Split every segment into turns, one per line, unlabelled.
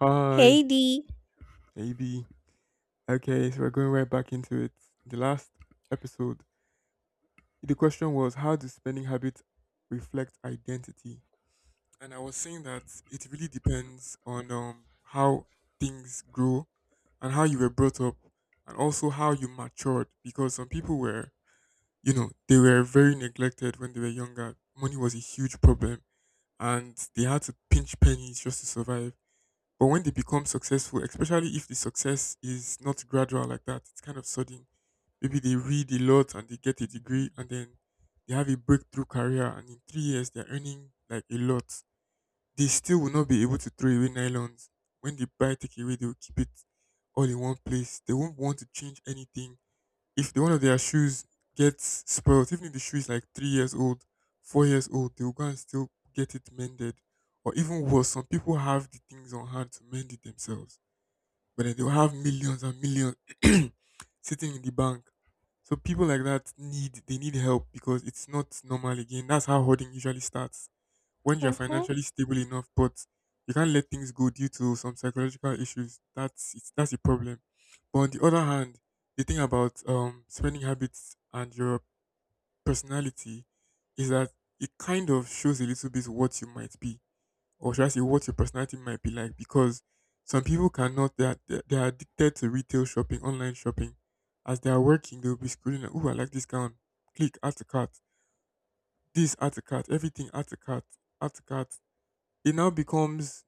Hi,
Heidi.
AB. Okay, so we're going right back into it. The last episode, the question was how do spending habits reflect identity? And I was saying that it really depends on how things grow and how you were brought up and also how you matured because some people were, they were very neglected when they were younger. Money was a huge problem and they had to pinch pennies just to survive. But when they become successful, especially if the success is not gradual like that, it's kind of sudden. Maybe they read a lot and they get a degree and then they have a breakthrough career and in 3 years they're earning like a lot. They still will not be able to throw away nylons. When they buy takeaway, they will keep it all in one place. They won't want to change anything if the one of their shoes gets spoiled, even if the shoe is like 3 years old, 4 years old, they will go and still get it mended. Or even worse, some people have the things on hand to mend it themselves, but then they'll have millions and millions sitting in the bank. So people like that need they need help because it's not normal again. That's how hoarding usually starts when you're
Mm-hmm.
financially stable enough, but you can't let things go due to some psychological issues. That's a problem. But on the other hand, the thing about spending habits and your personality is that it kind of shows a little bit what you might be, or should I say, what your personality might be like, because some people cannot. They are addicted to retail shopping, online shopping. As they are working, they will be scrolling. Like, oh, I like this gown. Click, add to cart. This, add to cart. Everything, add to cart. Add to cart, it now becomes,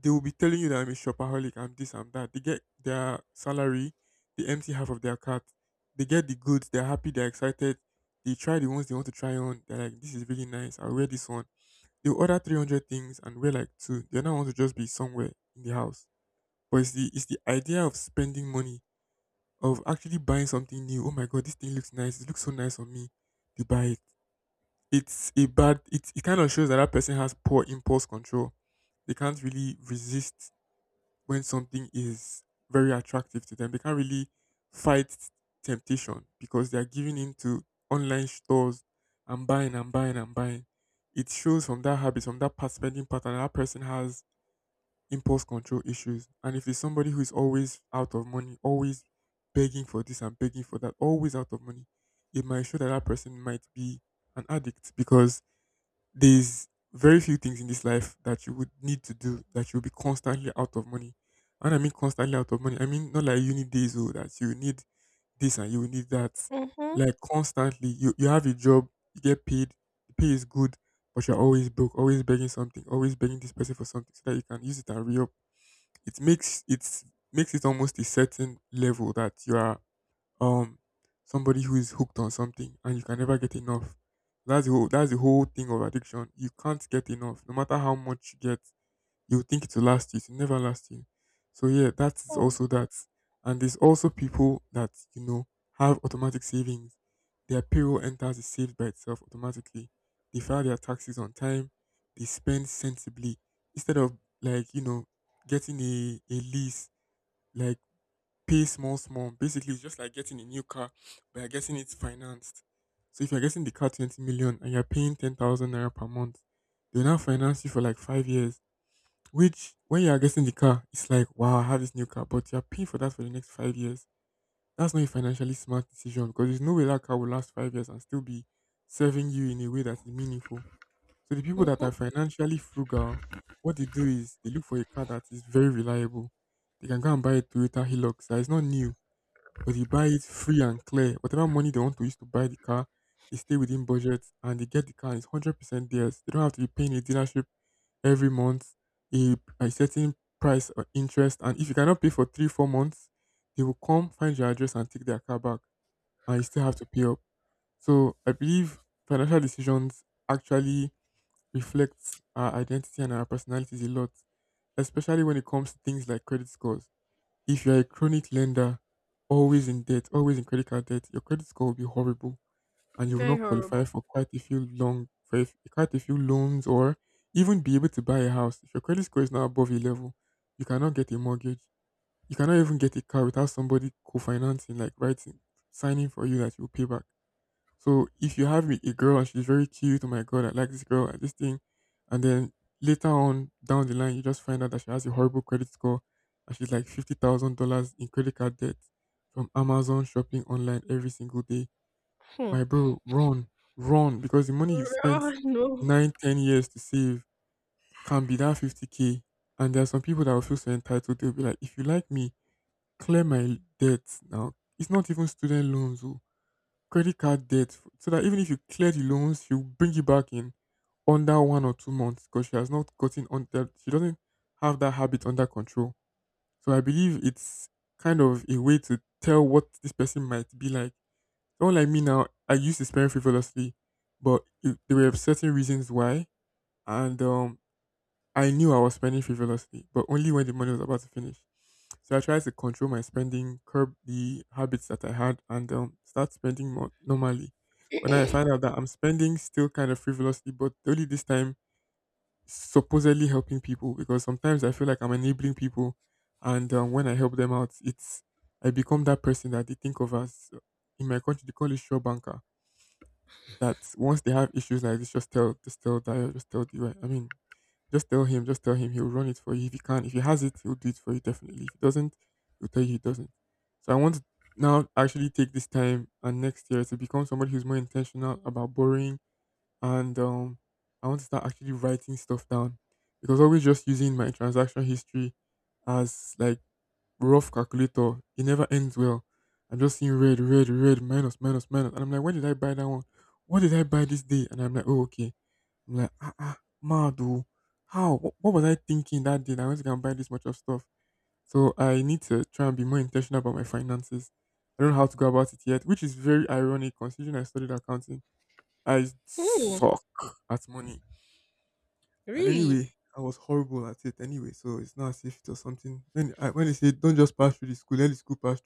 they will be telling you that I'm a shopaholic, I'm this, I'm that. They get their salary, they empty half of their cart, they get the goods, they're happy, they're excited. They try the ones they want to try on. They're like, this is really nice. I'll wear this one. They'll order 300 things and wear like two. They don't want to just be somewhere in the house. But it's the idea of spending money, of actually buying something new. Oh my god, this thing looks nice. It looks so nice on me. They buy it. It's a bad it, It kind of shows that that person has poor impulse control. They can't really resist when something is very attractive to them. They can't really fight temptation because they are giving in to online stores and buying and buying and buying. It shows from that habit, from that past spending pattern, that person has impulse control issues. And if it's somebody who is always out of money, always begging for this and begging for that, always out of money, it might show that that person might be an addict because there's very few things in this life that you would need to do that you'll be constantly out of money. And I mean constantly out of money, I mean not like uni days or that you need this and you need that.
Mm-hmm.
Like constantly, you have a job, you get paid, the pay is good, but you're always broke, always begging something, always begging this person for something so that you can use it and re up. It makes it almost a certain level that you are um somebody who is hooked on something and you can never get enough. That's the whole thing of addiction. You can't get enough. No matter how much you get, you think it will last you, it will never last you. So yeah, that is
Oh.
also that. And there's also people that, have automatic savings. Their payroll enters is saved by itself automatically. They file their taxes on time, they spend sensibly. Instead of like, getting a lease, like pay small, small. Basically, it's just like getting a new car, but you're getting it financed. So if you're getting the car 20 million and you're paying 10,000 naira per month, they'll now finance you for like 5 years. Which, when you're getting the car, it's like, wow, I have this new car, but you're paying for that for the next 5 years. That's not a financially smart decision because there's no way that car will last 5 years and still be serving you in a way that is meaningful. So the people that are
Mm-hmm.
financially frugal, what they do is they look for a car that is very reliable. They can go and buy a Toyota Hilux that is not new, but you buy it free and clear. Whatever money they want to use to buy the car, they stay within budget and they get the car, and it's 100% theirs. They don't have to be paying a dealership every month a certain price or interest. And if you cannot pay for 3 or 4 months, they will come find your address and take their car back, and you still have to pay up. So I believe financial decisions actually reflects our identity and our personalities a lot, especially when it comes to things like credit scores. If you're a chronic lender, always in debt, always in credit card debt, your credit score will be horrible and you will not qualify for quite a few loans or even be able to buy a house. If your credit score is not above a level, you cannot get a mortgage. You cannot even get a car without somebody co-financing, like writing, signing for you that you will pay back. So if you have a girl and she's very cute, oh my god, I like this girl, and this thing, and then later on down the line you just find out that she has a horrible credit score and she's like $50,000 in credit card debt from Amazon shopping online every single day.
Hmm.
My bro, run, run, because the money you've
Oh
spent
no.
9 or 10 years to save can be that 50K. And there are some people that will feel so entitled. They'll be like, if you like me, clear my debts now. It's not even student loans. Oh, credit card debt. So that even if you clear the loans, she'll bring you back in under 1 or 2 months because she has not gotten on that. She doesn't have that habit under control. So I believe it's kind of a way to tell what this person might be like. Someone like me now, I used to spend frivolously, but there were certain reasons why, and I knew I was spending frivolously, but only when the money was about to finish. So I tried to control my spending, curb the habits that I had, and start spending more normally. But now I find out that I'm spending still kind of frivolously, but only this time supposedly helping people because sometimes I feel like I'm enabling people, and when I help them out, it's I become that person that they think of as in my country they call it show banker. That once they have issues like this, just tell, Dio, just tell, the I mean, just tell him he'll run it for you if he can. If he has it, he'll do it for you definitely. If he doesn't, he'll tell you he doesn't. So I want to now actually take this time and next year to become somebody who's more intentional about borrowing, and I want to start actually writing stuff down. Because always just using my transaction history as like rough calculator, it never ends well. I'm just seeing red, red, red, minus, minus, minus. And I'm like, when did I buy that one? What did I buy this day? And I'm like, oh, okay. I'm like, ah, ah, Madu, how? What was I thinking that day, that I went to go and buy this much of stuff? So I need to try and be more intentional about my finances. I don't know how to go about it yet, which is very ironic considering I studied accounting. I
Hmm.
suck at money. And
Really?
anyway, I was horrible at it anyway, so it's not as if it was something. When they say don't just pass through the school, let the school pass.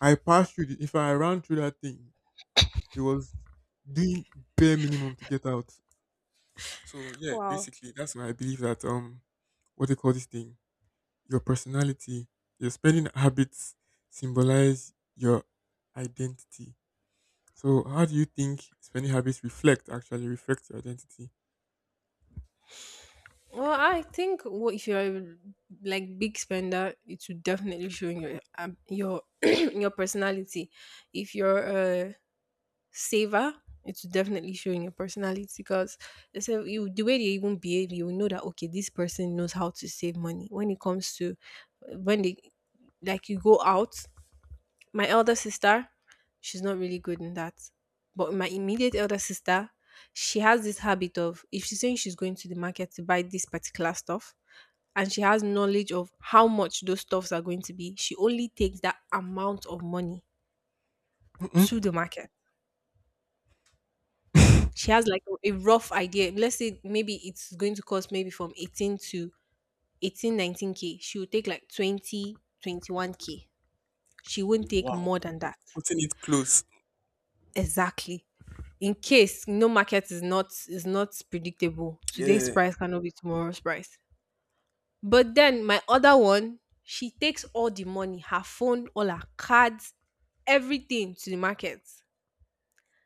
I passed through if I ran through that thing, it was doing bare minimum to get out. So yeah,
Wow.
basically that's why I believe that what they call this thing, your personality, your spending habits symbolize your identity. So how do you think spending habits reflect actually reflect your identity?
Well, I think, well, if you're a, like, big spender, it should definitely show in your in your personality. If you're a saver, it should definitely show in your personality, because they say you, the way they even behave, you will know that, okay, this person knows how to save money. When it comes to when they, like, you go out. My elder sister, she's not really good in that. But my immediate elder sister, she has this habit of, if she's saying she's going to the market to buy this particular stuff and she has knowledge of how much those stuffs are going to be, she only takes that amount of money
Mm-mm.
to the market. She has like a rough idea. Let's say maybe it's going to cost maybe from 18 to 18, 19 k. She will take like 20, 21 k. She won't take
Wow,
more than that.
putting it close.
Exactly. In case, no, market is not predictable. Today's
Yeah.
price cannot be tomorrow's price. But then my other one, she takes all the money, her phone, all her cards, everything to the market.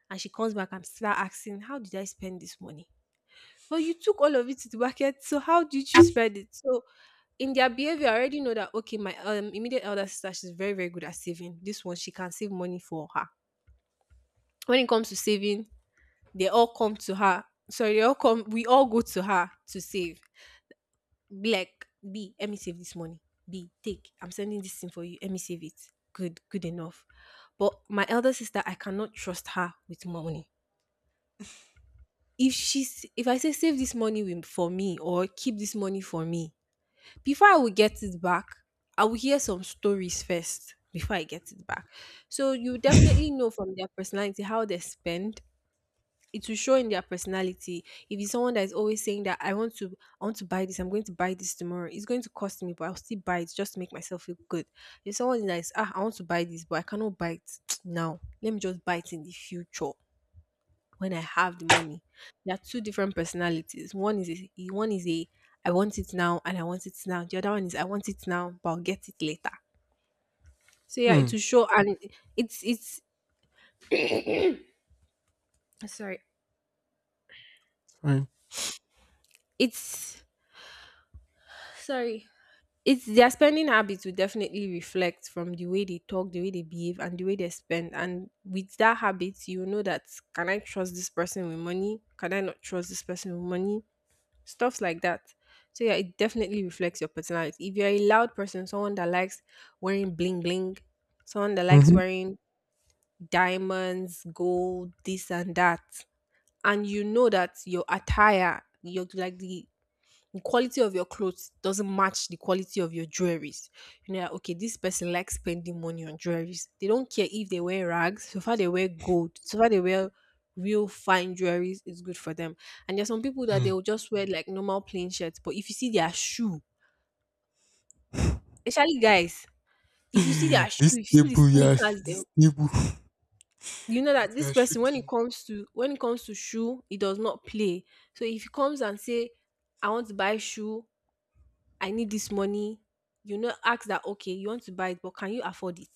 And she comes back and start asking, "How did I spend this money?" Well, you took all of it to the market, so how did you spend it? So in their behavior, I already know that, okay, my immediate elder sister, she's very, very good at saving. This one, she can save money for her. When it comes to saving, they all come to her. Sorry, they all come. We all go to her to save. Be like, "B, let me save this money. B, take. I'm sending this thing for you. Let me save it." Good, good enough. But my elder sister, I cannot trust her with money. If I say save this money for me or keep this money for me, before I will get it back, I will hear some stories first before I get it back. So you definitely know from their personality how they spend, it will show in their personality. If it's someone that is always saying that I want to buy this, I'm going to buy this tomorrow. It's going to cost me, but I'll still buy it just to make myself feel good. If someone that is, ah, I want to buy this, but I cannot buy it now. Let me just buy it in the future when I have the money. There are two different personalities. One is a, I want it now and I want it now. The other one is, I want it now, but I'll get it later. So yeah,
Hmm.
it will show and it's sorry.
It's fine.
It's sorry it's their spending habits will definitely reflect from the way they talk, the way they behave, and the way they spend. And with that habit, you know that, can I trust this person with money? Can I not trust this person with money? Stuff like that. So yeah, it definitely reflects your personality. If you're a loud person, someone that likes wearing bling bling, someone that likes
Mm-hmm.
wearing diamonds, gold, this and that, and you know that your attire, your, like, the quality of your clothes doesn't match the quality of your jewelries. You know that, okay, this person likes spending money on jewelries. They don't care if they wear rags, so far they wear gold, so far they wear real fine jewelries, it's good for them. And there's some people that they will just wear like normal plain shirts, but if you see their shoe, especially guys, if you see their
This
shoe, if you see the
table, Yash.
sneakers, they,
This table.
you know
That
that
you
this
are
person
shaking.
when it comes to shoe, it does not play. So if he comes and say, "I want to buy shoe, I need this money." You know, ask that, "Okay, you want to buy it, but can you afford it?"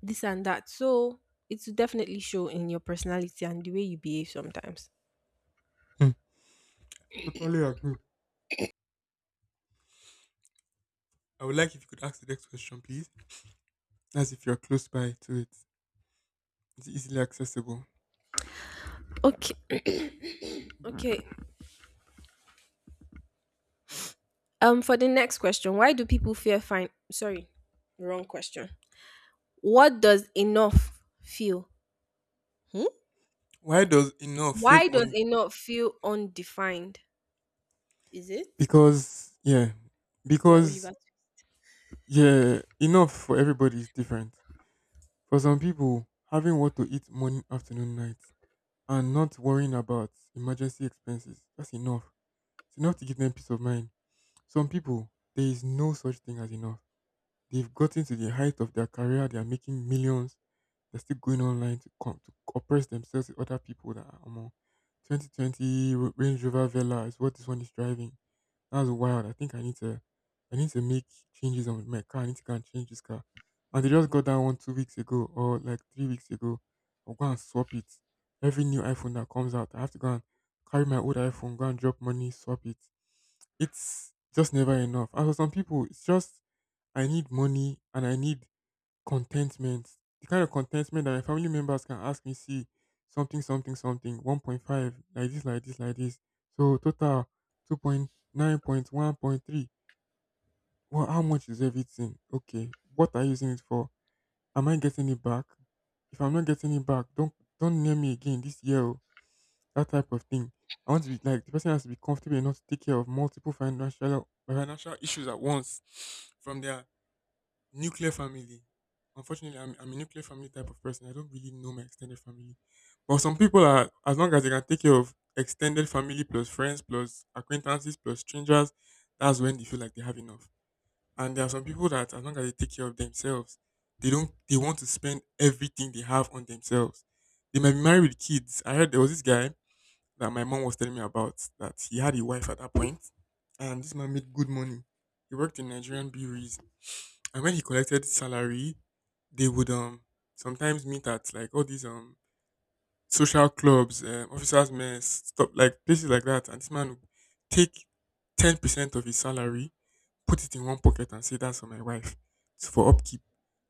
This and that. So it will definitely show in your personality and the way you behave sometimes.
Hmm. Totally agree. I would like if you could ask the next question, please, as if you're close by to it. It's easily accessible.
Okay. Okay. For the next question, why do people fear fine? Sorry, wrong question. What does enough feel? Hmm?
Why does enough feel
Why does
on?
enough feel undefined? Is it?
Because yeah,
We are
because
Oliver.
yeah, enough for everybody is different. For some people, having what to eat morning, afternoon, night, and not worrying about emergency expenses, that's enough. It's enough to give them peace of mind. Some people, there is no such thing as enough. They've gotten to the height of their career. They are making millions. They're still going online to oppress themselves with other people that are more. 2020 Range Rover Vela is what this one is driving. That's wild. I think I need to make changes on my car. I need to go and change this car. And they just got that one 2 weeks ago, or like 3 weeks ago. I'll go and swap it. Every new iPhone that comes out, I have to go and carry my old iPhone, go and drop money, swap it. It's just never enough. And for some people, it's just I need money and I need contentment. The kind of contentment that my family members can ask me, see, something, something, something, 1.5, like this, like this, like this. So total 2.9.1.3. Well, how much is everything? Okay. What are you using it for? Am I getting it back? If I'm not getting it back, don't near me again this year. Oh, that type of thing. I want to be like the person has to be comfortable enough to take care of multiple financial issues at once, from their nuclear family. Unfortunately, I'm a nuclear family type of person. I don't really know my extended family. But some people are, as long as they can take care of extended family plus friends plus acquaintances plus strangers, that's when they feel like they have enough. And there are some people that, as long as they take care of themselves, they don't, they want to spend everything they have on themselves. They might be married with kids. I heard there was this guy that my mom was telling me about that he had a wife at that point, and this man made good money. He worked in Nigerian breweries, and when he collected salary, they would sometimes meet at like all these social clubs, officers' mess, stuff like places like that. And this man would take 10% of his salary, put it in one pocket, and say that's for my wife, it's for upkeep,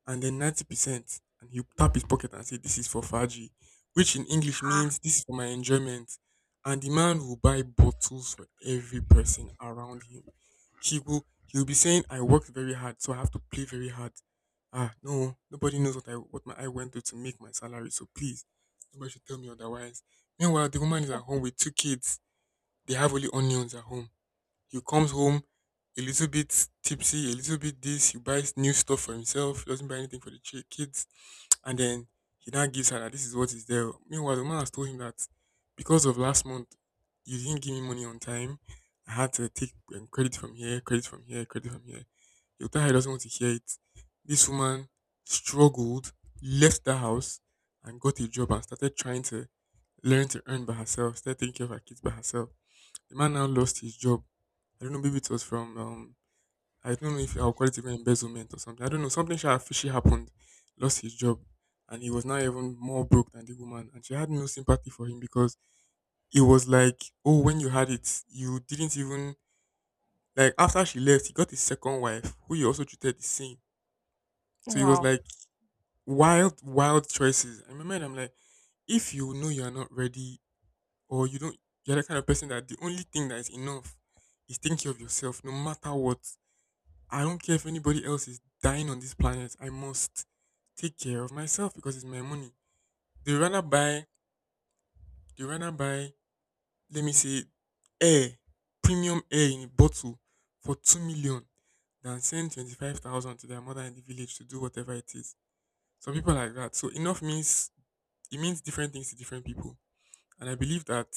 and then 90% and he'll tap his pocket and say this is for Faji, which in English means this is for my enjoyment. And the man will buy bottles for every person around him. He'll be saying, I worked very hard, so I have to play very hard. Ah, no, nobody knows what I what my I went through to make my salary, so please, nobody should tell me otherwise. Meanwhile, the woman is at home with two kids. They have only onions at home. He comes home a little bit tipsy, a little bit this. He buys new stuff for himself. He doesn't buy anything for the kids. And then he now gives her that this is what is there. Meanwhile, the man has told him that because of last month, you didn't give me money on time. I had to take credit from here, credit from here, credit from here. He'll tell her he doesn't want to hear it. This woman struggled, left the house, and got a job and started trying to learn to earn by herself, started taking care of her kids by herself. The man now lost his job. I don't know, maybe it was from I don't know if I'll call it even embezzlement or something. I don't know. Something sha fishy happened, lost his job, and he was now even more broke than the woman. And she had no sympathy for him because it was like, oh, when you had it, you didn't even like, after she left, he got his second wife, who he also treated the same. So it was
Wow.
like wild, wild choices. I remember and I'm like, if you know you're not ready, or you don't you're the kind of person that the only thing that is enough is thinking of yourself no matter what. I don't care if anybody else is dying on this planet. I must take care of myself because it's my money. They rather buy, they rather buy, let me say, air, premium air in a bottle for 2 million, than send 25,000 to their mother in the village to do whatever it is. Some people are like that. So enough means it means different things to different people, and I believe that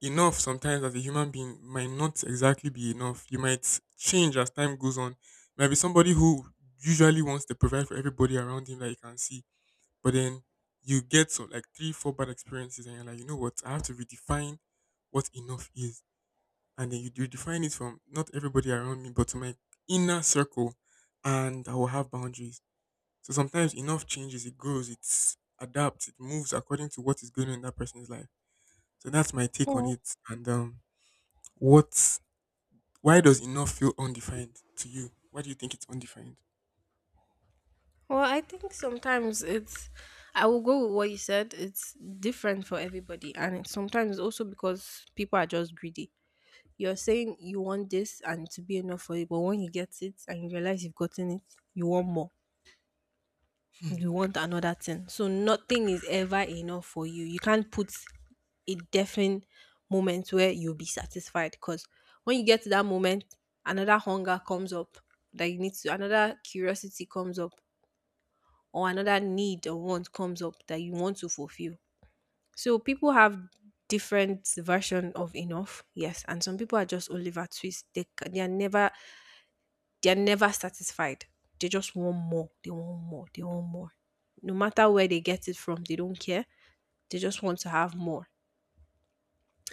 enough sometimes as a human being might not exactly be enough. You might change as time goes on. Might be somebody who usually wants to provide for everybody around him that you can see, but then you get so like three, four bad experiences, and you're like, you know what? I have to redefine what enough is, and then you redefine it from not everybody around me, but to my inner circle, and I will have boundaries. So sometimes enough changes, it grows, it adapts, it moves according to what is going on in that person's life. So that's my take on it, and what why does enough feel undefined to you? Why do you think it's undefined?
Well, I think sometimes it's, I will go with what you said. It's different for everybody, and it's sometimes also because people are just greedy. You're saying you want this and to be enough for you, but when you get it and you realize you've gotten it, you want more. You want another thing. So nothing is ever enough for you. You can't put a definite moment where you'll be satisfied, because when you get to that moment, another hunger comes up that you need to, another curiosity comes up, or another need or want comes up that you want to fulfill. So people have different version of enough, yes, and some people are just Oliver Twist. They are never, they are never satisfied. They just want more. They want more. They want more. No matter where they get it from, they don't care. They just want to have more.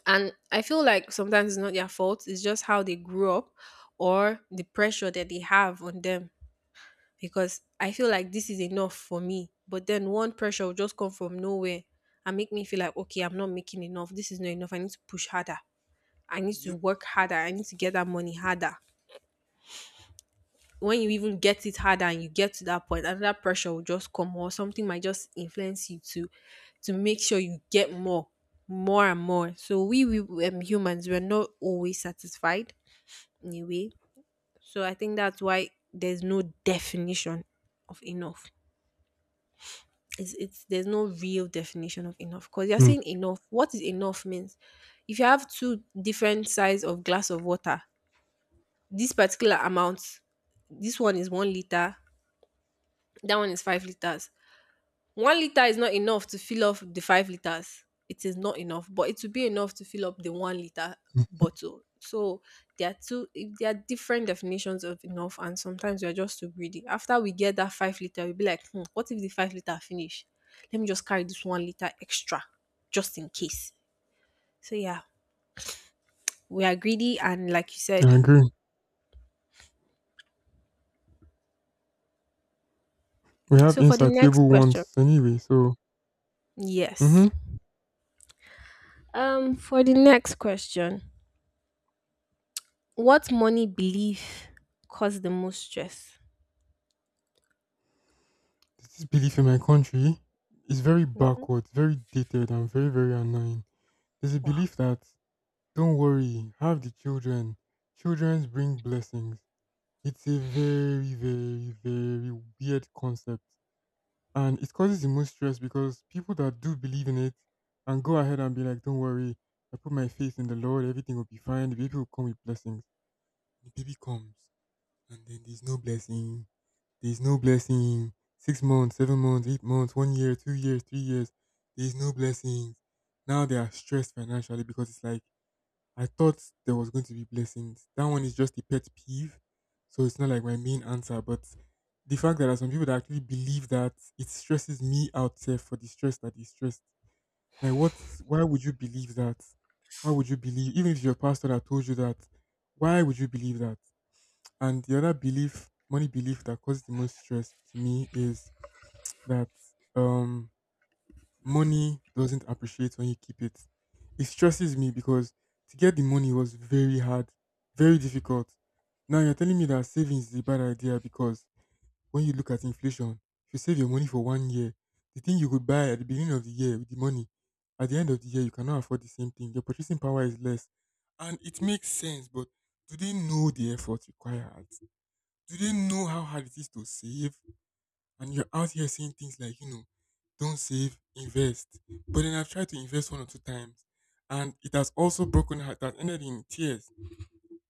And I feel like sometimes it's not their fault. It's just how they grew up or the pressure that they have on them, because I feel like this is enough for me. But then one pressure will just come from nowhere and make me feel like, okay, I'm not making enough. This is not enough. I need to push harder. I need to
Yep.
work harder. I need to get that money harder. When you even get it harder and you get to that point, another pressure will just come or something might just influence you to make sure you get more, more and more. So we, humans, we're not always satisfied anyway. So I think that's why there's no definition of enough. It's there's no real definition of enough, because you're
Hmm.
saying enough, what is enough means. If you have two different size of glass of water, this particular amount, this one is 1 liter, that one is 5 liters. 1 litre is not enough to fill up the 5 liters. It is not enough, but it will be enough to fill up the 1 liter
Hmm.
bottle. So there are two there are different definitions of enough, and sometimes we are just too greedy. After we get that 5-liter, we'll be like, hmm, what if the 5-liter finish? Let me just carry this 1 liter extra just in case. So yeah, we are greedy, and, like you
I
said.
agree. We have
So for the next
insatiable
question,
wants anyway, so mm-hmm.
yes. For the next question, what money belief cause the most stress?
This belief in my country is very
Hmm.
backward, very dated, and very, very annoying. There's a
Wow.
belief that don't worry, have the children. Children bring blessings. It's a very, very, very weird concept. And it causes the most stress because people that do believe in it and go ahead and be like, "Don't worry, I put my faith in the Lord, everything will be fine. The baby will come with blessings." The baby comes, and then there's no blessing. There's no blessing. 6 months, 7 months, 8 months, 1 year, 2 years, 3 years. There's no blessings. Now they are stressed financially because it's like I thought there was going to be blessings. That one is just a pet peeve. So it's not like my main answer. But the fact that there are some people that actually believe that, it stresses me out there for the stress that is stressed. Like why would you believe that? Why would you believe even if your pastor that told you that, why would you believe that? And the other belief, money belief, that causes the most stress to me is that um money doesn't appreciate when you keep it. It stresses me because to get the money was very hard, very difficult. Now you're telling me that savings is a bad idea because when you look at inflation, if you save your money for 1 year, the thing you could buy at the beginning of the year with the money, at the end of the year, you cannot afford the same thing. Your purchasing power is less. And it makes sense, but do they know the effort required? Do they know how hard it is to save? And you're out here saying things like, don't save, invest. But then I've tried to invest one or two times, and it has also broken heart that ended in tears.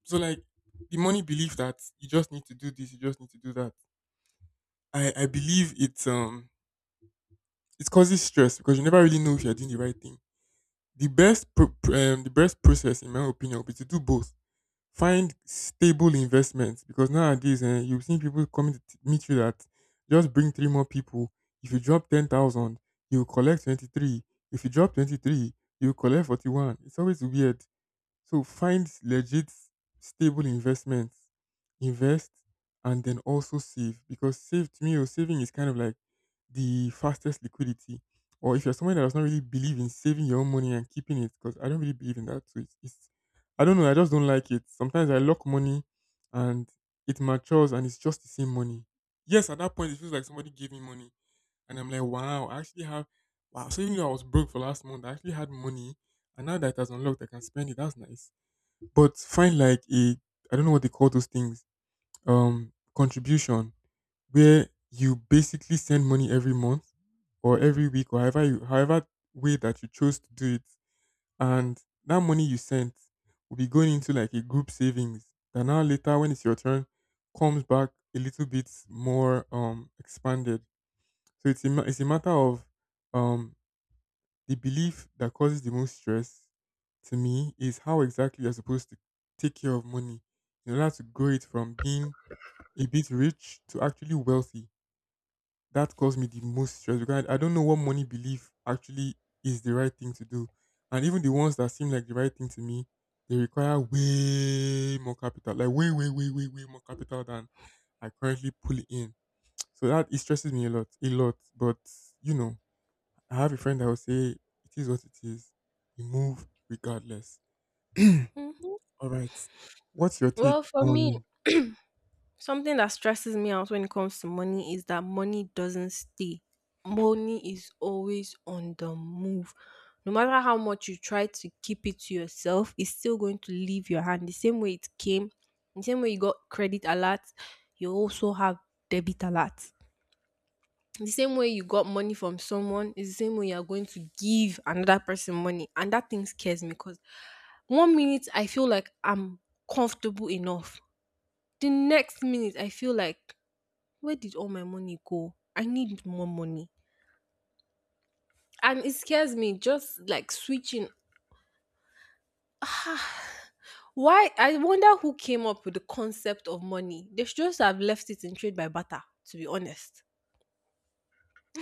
So like the money belief that you just need to do this, you just need to do that. I believe it's it causes stress because you never really know if you're doing the right thing. The best process, in my opinion, would be to do both. Find stable investments because nowadays you've seen people coming to meet you that just bring three more people. If you drop 10,000, you collect 23. If you drop 23, you collect 41. It's always weird. So find legit stable investments, invest, and then also save, because save to me or saving is kind of like the fastest liquidity. Or if you're someone that does not really believe in saving your own money and keeping it, because I don't really believe in that. So it's I don't know, I just don't like it. Sometimes I lock money and it matures and it's just the same money. Yes, at that point it feels like somebody gave me money and I'm like, wow, I actually have, wow. So even though I was broke for last month, I actually had money, and now that it has unlocked, I can spend it. That's nice, but find like a, I don't know what they call those things, contribution, where you basically send money every month or every week or however way that you chose to do it, and that money you sent will be going into like a group savings that now later, when it's your turn, comes back a little bit more expanded. So it's a matter of um the belief that causes the most stress to me is how exactly you're supposed to take care of money in order to grow it from being a bit rich to actually wealthy. That caused me the most stress, because I don't know what money belief actually is the right thing to do. And even the ones that seem like the right thing to me, they require way more capital, like way, way, way, way, way more capital than I currently pull in. So that it stresses me a lot, a lot. But you know, I have a friend that will say, it is what it is. We move regardless.
Hmm.
All right. What's your take
Well, for me,
on?
something that stresses me out when it comes to money is that money doesn't stay. Money is always on the move. No matter how much you try to keep it to yourself, it's still going to leave your hand. The same way it came, the same way you got credit alert, you also have debit alert. The same way you got money from someone is the same way you are going to give another person money. And that thing scares me, because one minute I feel like I'm comfortable enough. The next minute, I feel like, where did all my money go? I need more money. And it scares me, just like switching. Ah, why? I wonder who came up with the concept of money. They should just have left it in trade by barter, to be honest.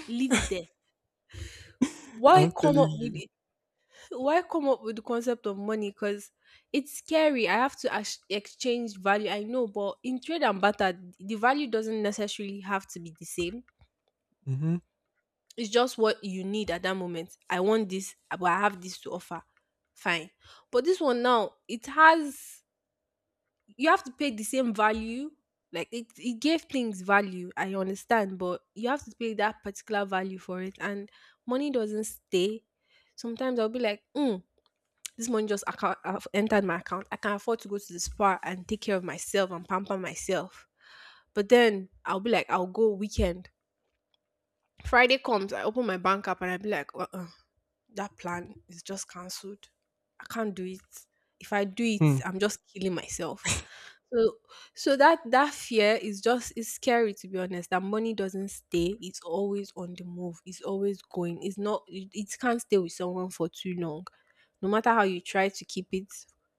Leave it there. Why
I'm
come
telling
up with
you.
it? Why come up with the concept of money? Because it's scary. I have to exchange value. I know, but in trade and barter, the value doesn't necessarily have to be the same.
Mm-hmm.
It's just what you need at that moment. I want this, but I have this to offer. Fine. But this one now, it has, you have to pay the same value. Like it gave things value, I understand, but you have to pay that particular value for it. And money doesn't stay. Sometimes I'll be like, this money just entered my account. I can afford to go to the spa and take care of myself and pamper myself. But then I'll be like, I'll go weekend. Friday comes, I open my bank app and I'll be like, that plan is just cancelled. I can't do it. If I do it,
Hmm.
I'm just killing myself. So so that fear is just, is scary, to be honest. That money doesn't stay. It's always on the move. It's always going. It's not it, it can't stay with someone for too long. No matter how you try to keep it,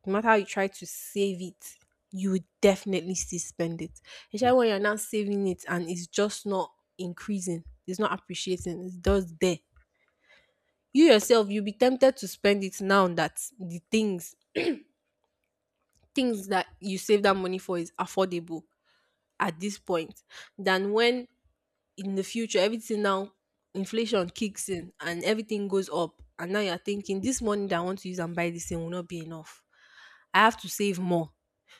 no matter how you try to save it, you will definitely still spend it. Especially when you're not saving it and it's just not increasing. It's not appreciating. It's just there, you yourself you'll be tempted to spend it now that the things that you save that money for is affordable at this point than when in the future everything now inflation kicks in and everything goes up and now you're thinking this money that I want to use and buy this thing will not be enough. I have to save more.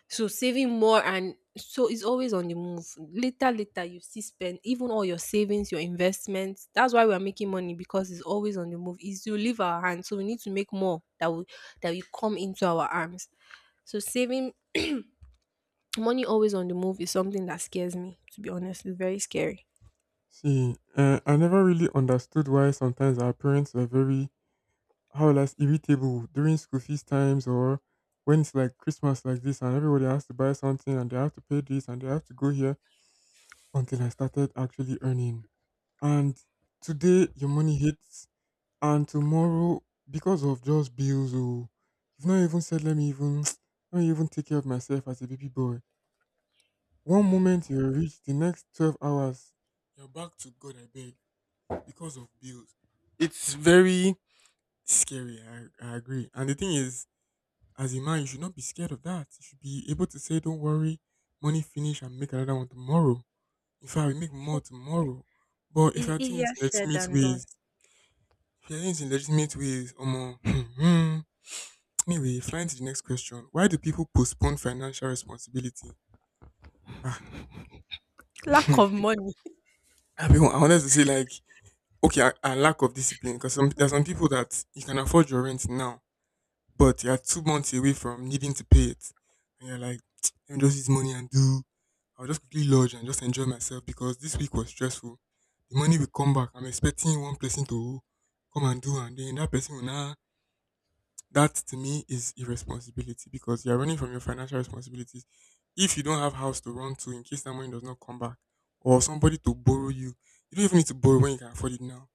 So saving more and so it's always on the move. Later, later you see, spend even all your savings, your investments. That's why we are making money because it's always on the move. It's to leave our hands. So we need to make more that will come into our arms. So saving money always on the move is something that scares me, to be honest. It's very scary.
See, I never really understood why sometimes our parents were very, how will I say, irritable during school feast times, or when it's like Christmas like this and everybody has to buy something and they have to pay this and they have to go here, until I started actually earning. And today, your money hits, and tomorrow, because of just bills, oh, you've not even said, let me even let me even take care of myself as a baby boy. One moment you're rich, the next 12 hours you're back to God, I beg, because of bills. It's very scary. I agree, and the thing is, as a man, you should not be scared of that. You should be able to say, don't worry, money finish and make another one tomorrow. In fact, we make more tomorrow, but if
It's
you're doing it
easier
in
said
legitimate
than
ways,
done.
if you're doing it in legitimate ways, omo. Anyway, flying to the next question. Why do people postpone financial responsibility? Ah,
Lack of money.
everyone, I wanted to say like, okay, a lack of discipline, because some, there are some people that you can afford your rent now, but you're 2 months away from needing to pay it, and you're like, let me just use money and do. I'll just quickly lodge and just enjoy myself because this week was stressful. The money will come back. I'm expecting one person to come and do, and then that person will now. That to me is irresponsibility, because you're running from your financial responsibilities. If you don't have house to run to in case that money does not come back, or somebody to borrow you, you don't even need to borrow when you can afford it now.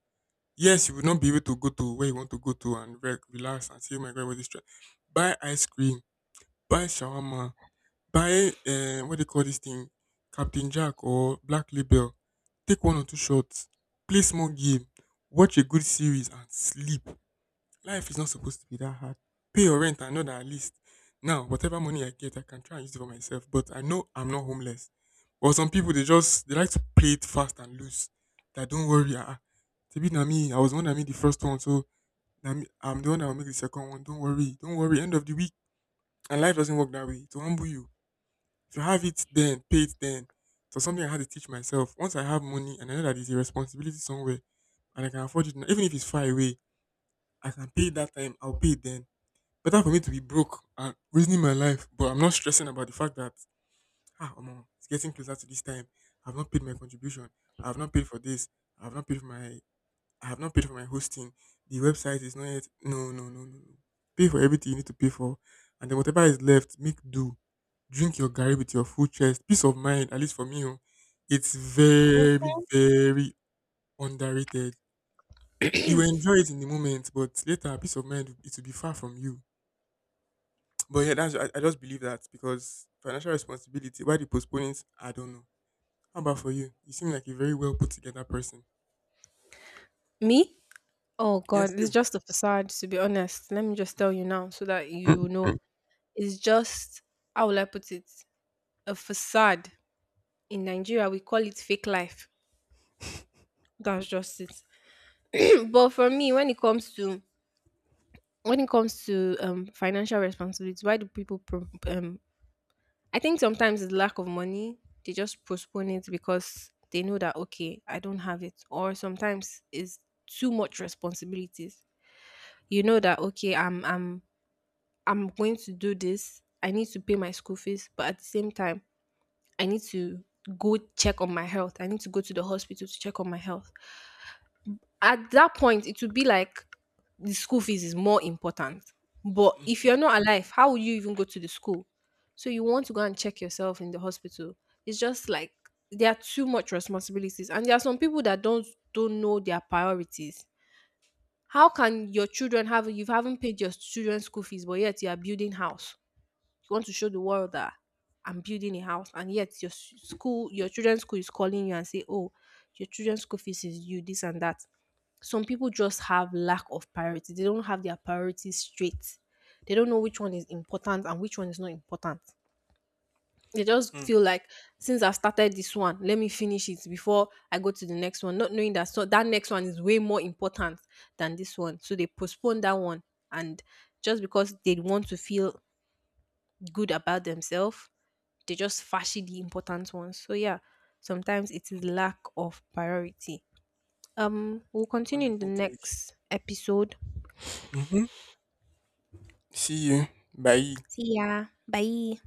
Yes, you will not be able to go to where you want to go to and relax and say, oh my God, what is this? Tra-" Buy ice cream, buy shawarma, buy, what do you call this thing? Captain Jack or Black Label. Take one or two shots, play small game, watch a good series and sleep. Life is not supposed to be that hard. Pay your rent, I know that at least. Now, whatever money I get, I can try and use it for myself. But I know I'm not homeless. But some people, they just they like to play it fast and loose. That don't worry, ah, Tibi na me. I was the one that made the first one, so I'm the one that will make the second one. Don't worry, don't worry. End of the week, and life doesn't work that way. To humble you, if you have it, then pay it then. So, something I had to teach myself. Once I have money and I know that it's a responsibility somewhere, and I can afford it now, even if it's far away, I can pay it that time. I'll pay it then. Better for me to be broke and reasoning my life, but I'm not stressing about the fact that, ah, omo, it's getting closer to this time. I've not paid my contribution. I've not paid for this. I've not paid for my. I have not paid for my hosting. The website is not yet. No, no, no, no, no. Pay for everything you need to pay for, and then whatever is left, make do. Drink your garri with your full chest. Peace of mind, at least for me, oh, it's
Mm.
very, very underrated. You will enjoy it in the moment, but later, peace of mind, it will be far from you. But yeah, that's, I just believe that, because financial responsibility, why the postponing it? I don't know. How about for you? You seem like a very well put together person.
Me? Oh
Yes,
god, it's
you.
just a facade to be honest. Let me just tell you now so that you know. Is just, how will I put it? A facade. In Nigeria, we call it fake life. That's just it. But for me, when it comes to when it comes to financial responsibility, why do people? I think sometimes it's lack of money. They just postpone it because they know that, okay, I don't have it, or sometimes it's too much responsibilities. You know that, okay, I'm going to do this. I need to pay my school fees, but at the same time, I need to go check on my health. I need to go to the hospital to check on my health. At that point, it would be like the school fees is more important. But if you're not alive, how would you even go to the school? So you want to go and check yourself in the hospital. It's just like there are too much responsibilities. And there are some people that don't know their priorities. How can your children have you haven't paid your children's school fees, but yet you are building house? You want to show the world that I'm building a house, and yet your school, your children's school is calling you and say, "Oh, your children's school fees is you this and that." Some people just have lack of priority. They don't have their priorities straight. They don't know which one is important and which one is not important. They just
Hmm.
feel like, since I've started this one, let me finish it before I go to the next one, not knowing that so that next one is way more important than this one. So they postpone that one and just because they want to feel good about themselves they just fashy the important ones. So yeah, sometimes it is lack of priority. We'll continue in the
Wonderful take.
next episode.
Mm-hmm. See you. Bye.
See ya. Bye.